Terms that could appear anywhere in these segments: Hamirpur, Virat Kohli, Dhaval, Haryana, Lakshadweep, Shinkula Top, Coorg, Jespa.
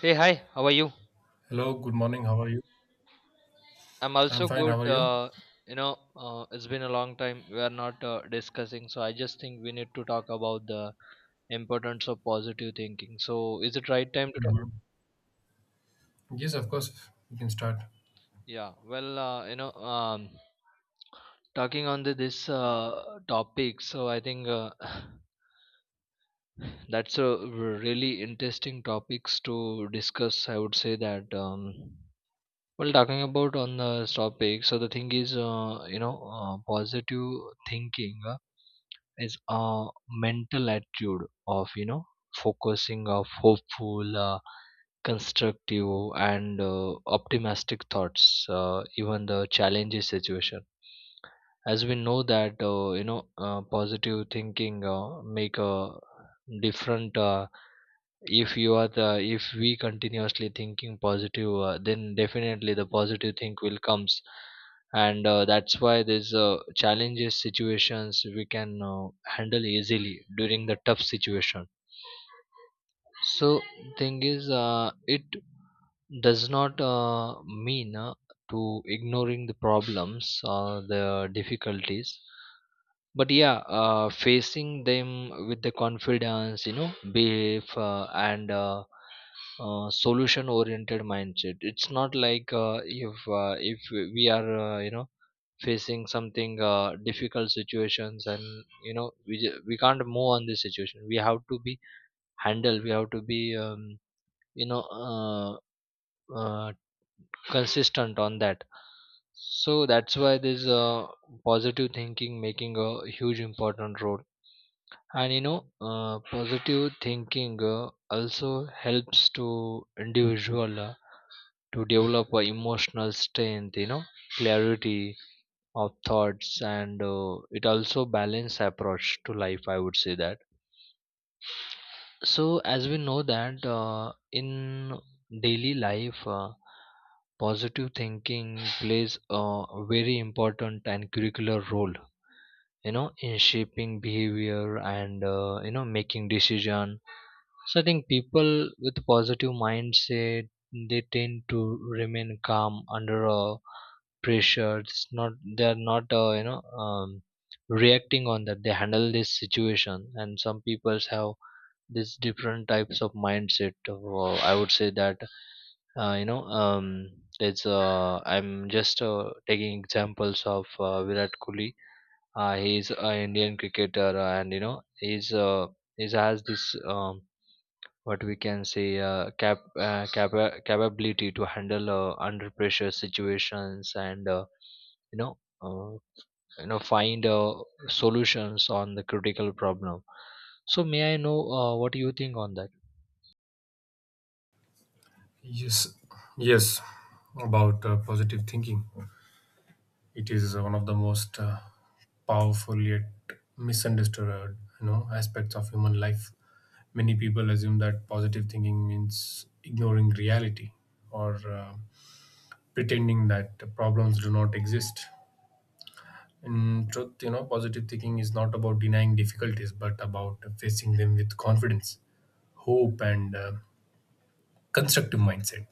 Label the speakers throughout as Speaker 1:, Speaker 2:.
Speaker 1: Hey, hi, how are you?
Speaker 2: Hello, good morning. How are you?
Speaker 1: I'm
Speaker 2: I'm
Speaker 1: also
Speaker 2: fine. How
Speaker 1: good.
Speaker 2: are you?
Speaker 1: It's been a long time we are not discussing, so I just think we need to talk about the importance of positive thinking. So, is it right time to talk?
Speaker 2: Mhm. Yes, of course. We can start.
Speaker 1: Yeah, well, uh, you know, um, talking on this topic, so I think that's a really interesting topics to discuss. I would say that. Well, talking about on the topic, so the thing is, positive thinking is a mental attitude of focusing of hopeful, constructive, and optimistic thoughts, even the challenging situation as we know that positive thinking make a different if you are the if we continuously thinking positive then definitely the positive think will comes and that's why there's challenges situations we can handle easily during the tough situation so thing is it does not mean to ignoring the problems or the difficulties but yeah facing them with the confidence, belief and solution oriented mindset. It's not like if we are facing something difficult situations and you know we can't move on this situation. We have to be handle, we have to be you know uh, uh, consistent on that, so that's why this positive thinking making a huge important role. And you know positive thinking also helps to individual to develop a emotional strength, you know, clarity of thoughts, and it also balance approach to life, I would say that. So as we know that in daily life positive thinking plays a very important and curricular role, you know, in shaping behavior and making decision. So I think people with positive mindset, they tend to remain calm under pressure. It's not they're not reacting on that, they handle this situation. And some peoples have these different types of mindset, I would say that. You know it's I'm just taking examples of Virat Kohli. He's an Indian cricketer, and you know he's he has this what we can say capability to handle under pressure situations and you know uh, find solutions on the critical problem. So may I know what you think on that?
Speaker 2: Yes, yes. About positive thinking, it is one of the most powerful yet misunderstood, you know, aspects of human life. Many people assume that positive thinking means ignoring reality or uh, pretending that problems do not exist. In truth, you know, positive thinking is not about denying difficulties, but about facing them with confidence, hope, and constructive mindset.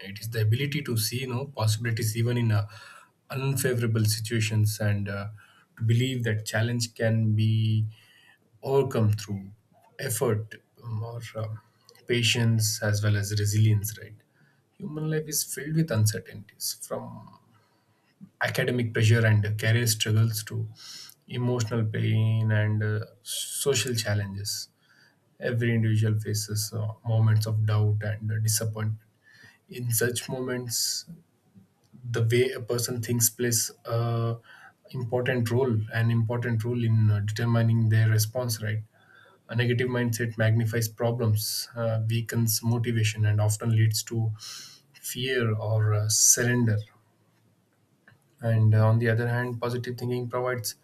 Speaker 2: It is the ability to see, you know, possibilities even in unfavorable situations, and to believe that challenge can be overcome through effort or patience as well as resilience. Right, human life is filled with uncertainties, from academic pressure and career struggles to emotional pain and social challenges. Every individual faces moments of doubt and disappointment. In such moments, the way a person thinks plays an important role in determining their response. Right, a negative mindset magnifies problems, weakens motivation, and often leads to fear or surrender. And on the other hand, positive thinking provides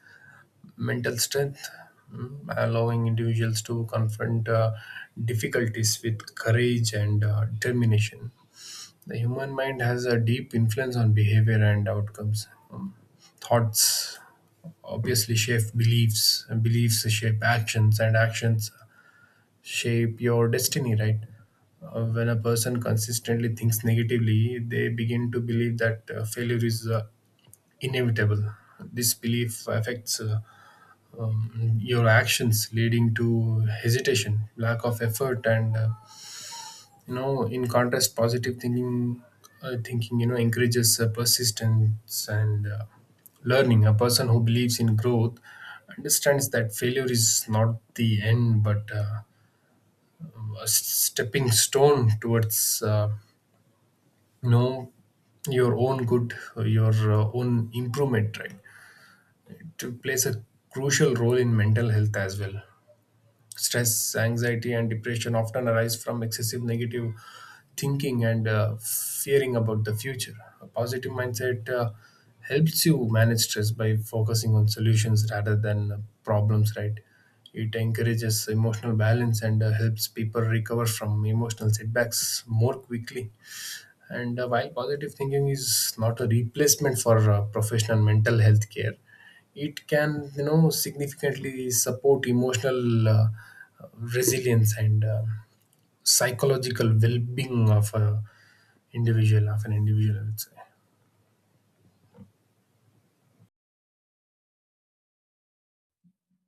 Speaker 2: mental strength, mm, allowing individuals to confront difficulties with courage and determination. The human mind has a deep influence on behavior and outcomes. Thoughts obviously shape beliefs, and beliefs shape actions, and actions shape your destiny, right? When a person consistently thinks negatively, they begin to believe that failure is inevitable. This belief affects your actions, leading to hesitation, lack of effort, and you know, in contrast, positive thinking thinking you know encourages persistence and learning. A person who believes in growth understands that failure is not the end but a stepping stone towards you know your own good, your own improvement, right? To plays a crucial role in mental health as well. Stress, anxiety, and depression often arise from excessive negative thinking and fearing about the future. A positive mindset helps you manage stress by focusing on solutions rather than problems, right? It encourages emotional balance and helps people recover from emotional setbacks more quickly. And while positive thinking is not a replacement for professional mental health care, it can, you know, significantly support emotional resilience and psychological well-being of a individual of an individual, I would say.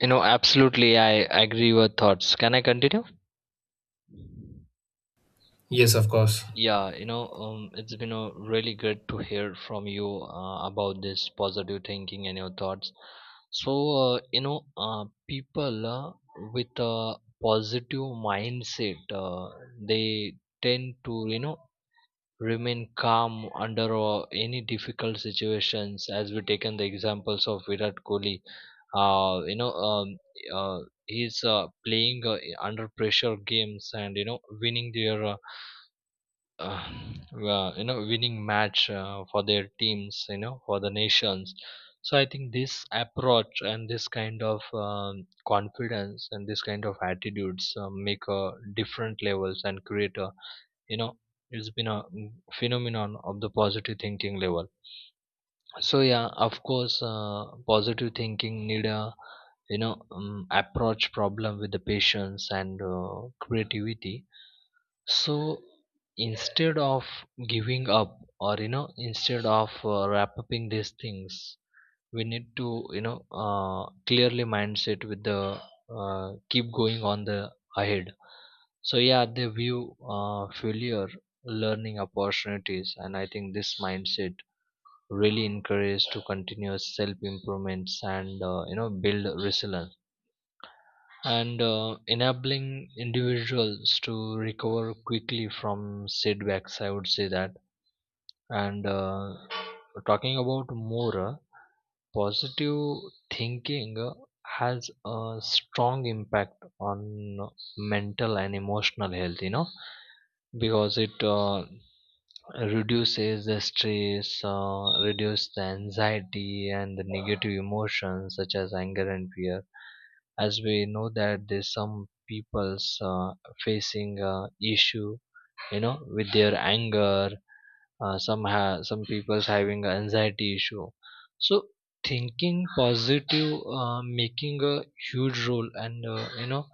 Speaker 1: You know, absolutely, I agree with thoughts. Can I continue?
Speaker 2: Yes, of course.
Speaker 1: It's been really good to hear from you about this positive thinking and your thoughts. So, people with a positive mindset, they tend to, you know, remain calm under any difficult situations. As we taken the examples of Virat Kohli, uh, you know, um, uh, he's playing under pressure games and you know winning their. Uh, well, you know, winning match for their teams, you know, for the nations. So I think this approach and this kind of confidence and this kind of attitudes make a different levels and create a, you know, it's been a phenomenon of the positive thinking level. So yeah, of course positive thinking need a, you know, approach problem with the patience and creativity. So instead of giving up or you know instead of wrap upping these things, we need to, you know, clearly mindset with the keep going on the ahead. So yeah, they view failure learning opportunities, and I think this mindset really encourages to continuous self improvements and you know build resilience and enabling individuals to recover quickly from setbacks, I would say that. And talking about more positive thinking has a strong impact on mental and emotional health, you know, because it reduces the stress, reduce the anxiety and the negative emotions such as anger and fear. As we know that there's some people's facing issue, you know, with their anger. Some people's having anxiety issue. So thinking positive making a huge role and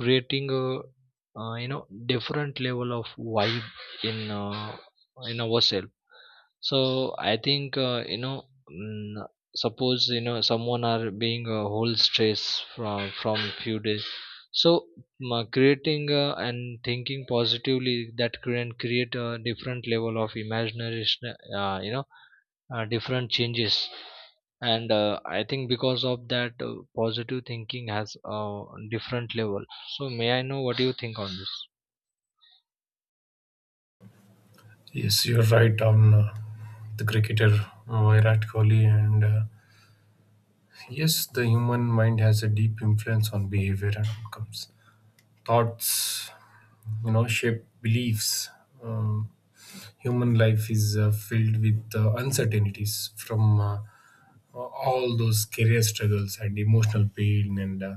Speaker 1: creating a different level of vibe in uh, in ourselves. So I think mm, suppose, you know, someone are being a whole stress from few days. So creating and thinking positively, that can create a different level of imagination. Different changes. And I think because of that, positive thinking has a different level. So may I know what do you think on this?
Speaker 2: Yes, you're right on the cricketer Virat Kohli, and yes, the human mind has a deep influence on behavior and outcomes. Thoughts, you know, shape beliefs. Um, human life is filled with uncertainties, from all those career struggles and emotional pain and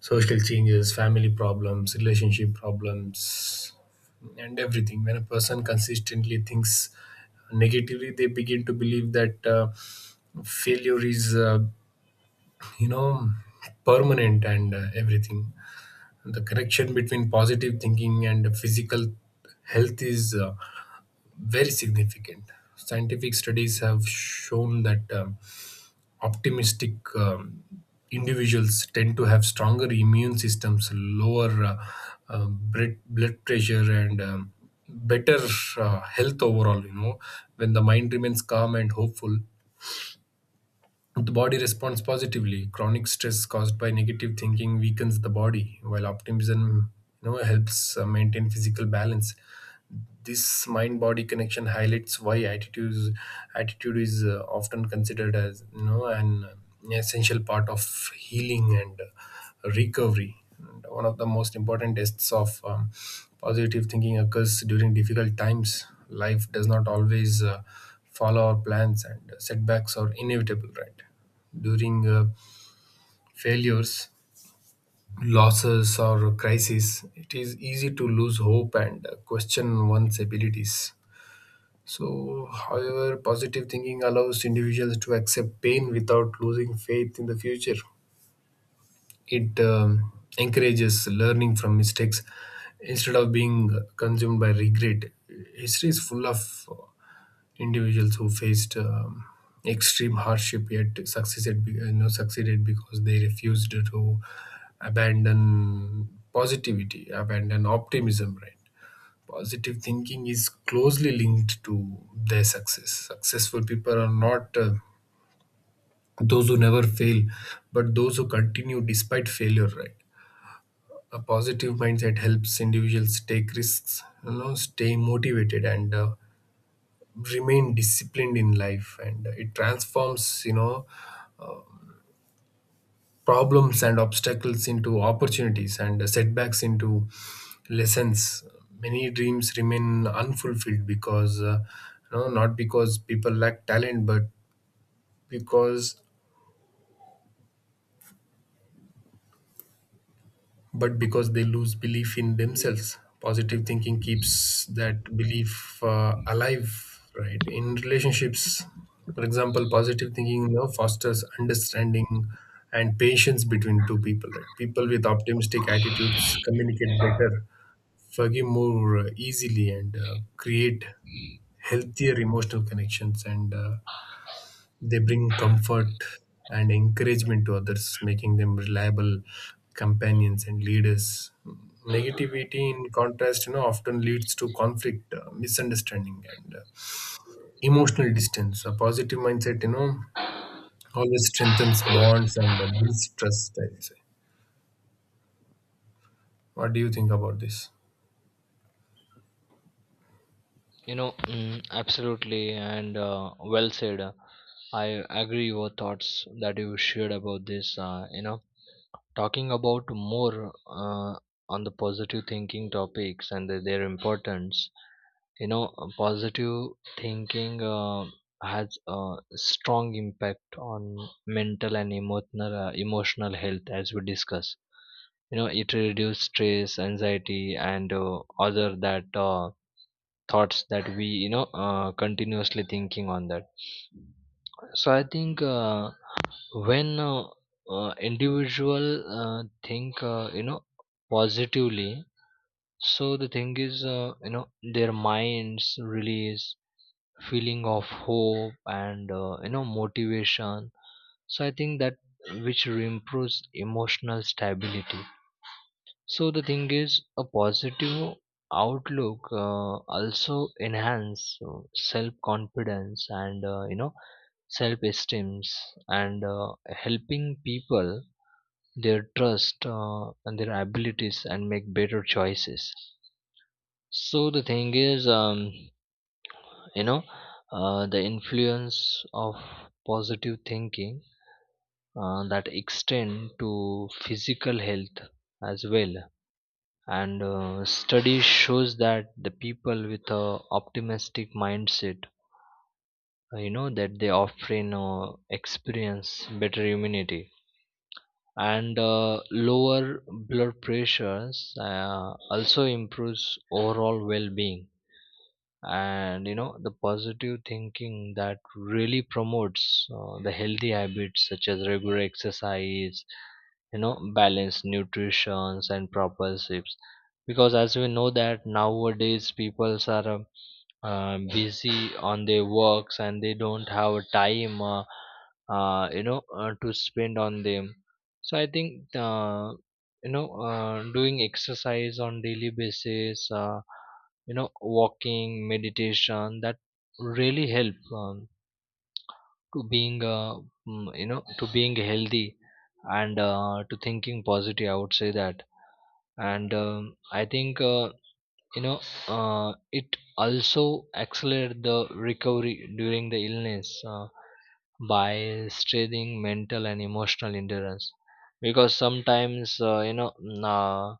Speaker 2: social changes, family problems, relationship problems, and everything. When a person consistently thinks negatively, they begin to believe that failure is you know permanent and everything. The connection between positive thinking and physical health is very significant. Scientific studies have shown that optimistic individuals tend to have stronger immune systems, lower blood pressure, and better health overall, you know. When the mind remains calm and hopeful, the body responds positively. Chronic stress caused by negative thinking weakens the body, while optimism, you know, helps maintain physical balance. This mind body connection highlights why attitude is often considered as, you know, an essential part of healing and recovery. And one of the most important tests of positive thinking occurs during difficult times. Life does not always follow our plans, and setbacks are inevitable, right? During failures, losses, or crises, it is easy to lose hope and question one's abilities. So, however, positive thinking allows individuals to accept pain without losing faith in the future. It encourages learning from mistakes instead of being consumed by regret. History is full of individuals who faced extreme hardship yet succeeded, you know, succeeded because they refused to abandon positivity, abandon optimism, right? Positive thinking is closely linked to their success. Successful people are not those who never fail, but those who continue despite failure, right? A positive mindset helps individuals take risks, you know, stay motivated, and remain disciplined in life. And it transforms, you know, problems and obstacles into opportunities and setbacks into lessons. Many dreams remain unfulfilled because, you know, not because people lack talent but because because they lose belief in themselves. Positive thinking keeps that belief alive, right? In relationships, for example, positive thinking, you know, fosters understanding and patience between two people, right? People with optimistic attitudes communicate better, forgive more easily, and create healthier emotional connections, and they bring comfort and encouragement to others, making them reliable companions and leaders. Negativity, in contrast, you know, often leads to conflict, misunderstanding, and emotional distance. A positive mindset, you know, always strengthens bonds and builds trust, I say. What do you think about this?
Speaker 1: You know, absolutely, and well said. I agree your thoughts that you shared about this. You know, talking about more on the positive thinking topics and the- their importance. You know, positive thinking has a strong impact on mental and emotional emotional health, as we discuss. You know, it reduces stress, anxiety, and other that. Thoughts that we, you know, continuously thinking on that. So I think when individual uh, think, you know, positively. So the thing is, you know, their minds release feeling of hope and motivation. So I think that which improves emotional stability. So the thing is, a positive outlook also enhance self-confidence and self-esteems and helping people their trust and their abilities and make better choices. So the thing is, you know, the influence of positive thinking that extend to physical health as well. And study shows that the people with a optimistic mindset that they often experience better immunity and lower blood pressures, also improves overall well-being. And you know, the positive thinking that really promotes the healthy habits such as regular exercise, you know, balanced nutrition and proper sleeps. Because as we know that nowadays people are busy on their works and they don't have a time to spend on them. So I think doing exercise on daily basis, you know, walking, meditation, that really help to being you know, to being healthy and to thinking positive, I would say that. And I think you know uh, it also accelerates the recovery during the illness by strengthening mental and emotional endurance. Because sometimes uh, you know mm, uh,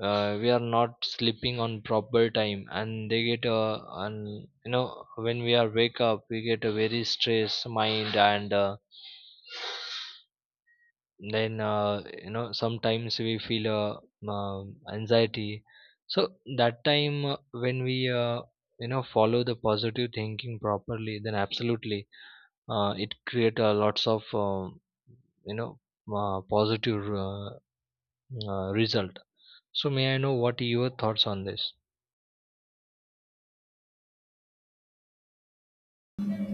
Speaker 1: uh, we are not sleeping on proper time and they get and you know, when we are wake up we get a very stressed mind, and then you know, sometimes we feel anxiety. So that time when we you know, follow the positive thinking properly, then absolutely it create lots of you know positive result. So may I know what your thoughts on this?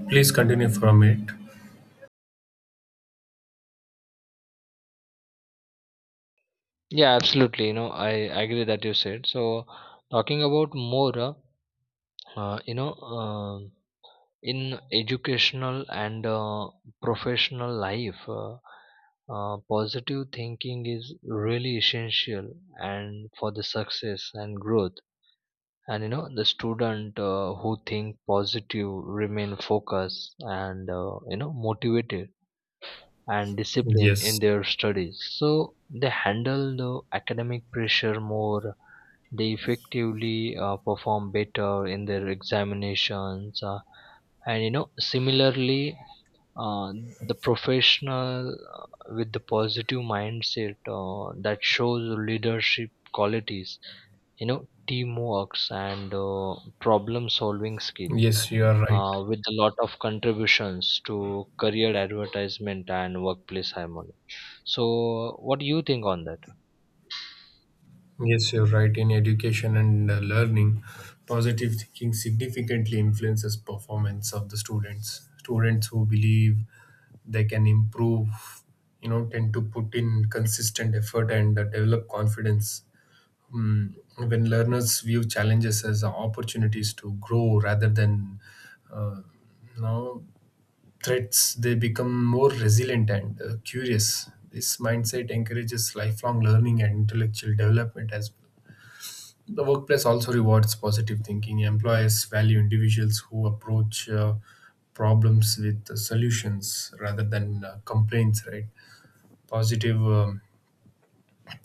Speaker 2: Please continue from it.
Speaker 1: Yeah, absolutely, you know, I agree that you said. So talking about more uh, you know uh, in educational and professional life, positive thinking is really essential and for the success and growth. And you know, the student who think positive remain focused and motivated and discipline in
Speaker 2: Yes,
Speaker 1: their studies, so they handle the academic pressure more, they effectively perform better in their examinations. And you know, similarly, uh, the professional with the positive mindset that shows leadership qualities, you know, teamworks and problem solving skill
Speaker 2: yes, you are right.
Speaker 1: with a lot of contributions to career advertisement and workplace harmony. So, what do you think on that?
Speaker 2: Yes, you're right. In education and learning, positive thinking significantly influences performance of the students. Students who believe they can improve, you know, tend to put in consistent effort and develop confidence. Mm, when learners view challenges as opportunities to grow rather than, uh, you know, threats, they become more resilient and curious. This mindset encourages lifelong learning and intellectual development as well. The workplace also rewards positive thinking. Employers value individuals who approach problems with solutions rather than complaints, right? Positive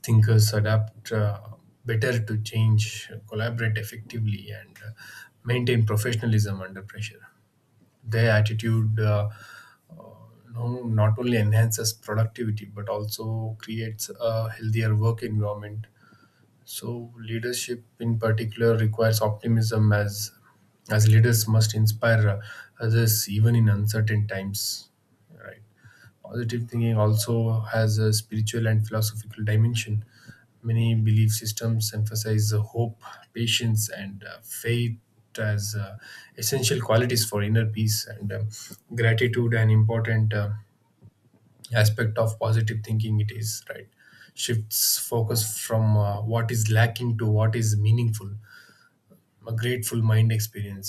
Speaker 2: thinkers adapt better to change, collaborate effectively, and maintain professionalism under pressure. Their attitude uh, no, not only enhances productivity but also creates a healthier work environment. So leadership in particular requires optimism, as leaders must inspire others even in uncertain times, right? Positive thinking also has a spiritual and philosophical dimension. Many belief systems emphasize hope, patience, and faith as essential qualities for inner peace. And gratitude, an important aspect of positive thinking, it is right, shifts focus from what is lacking to what is meaningful. A grateful mind experiences,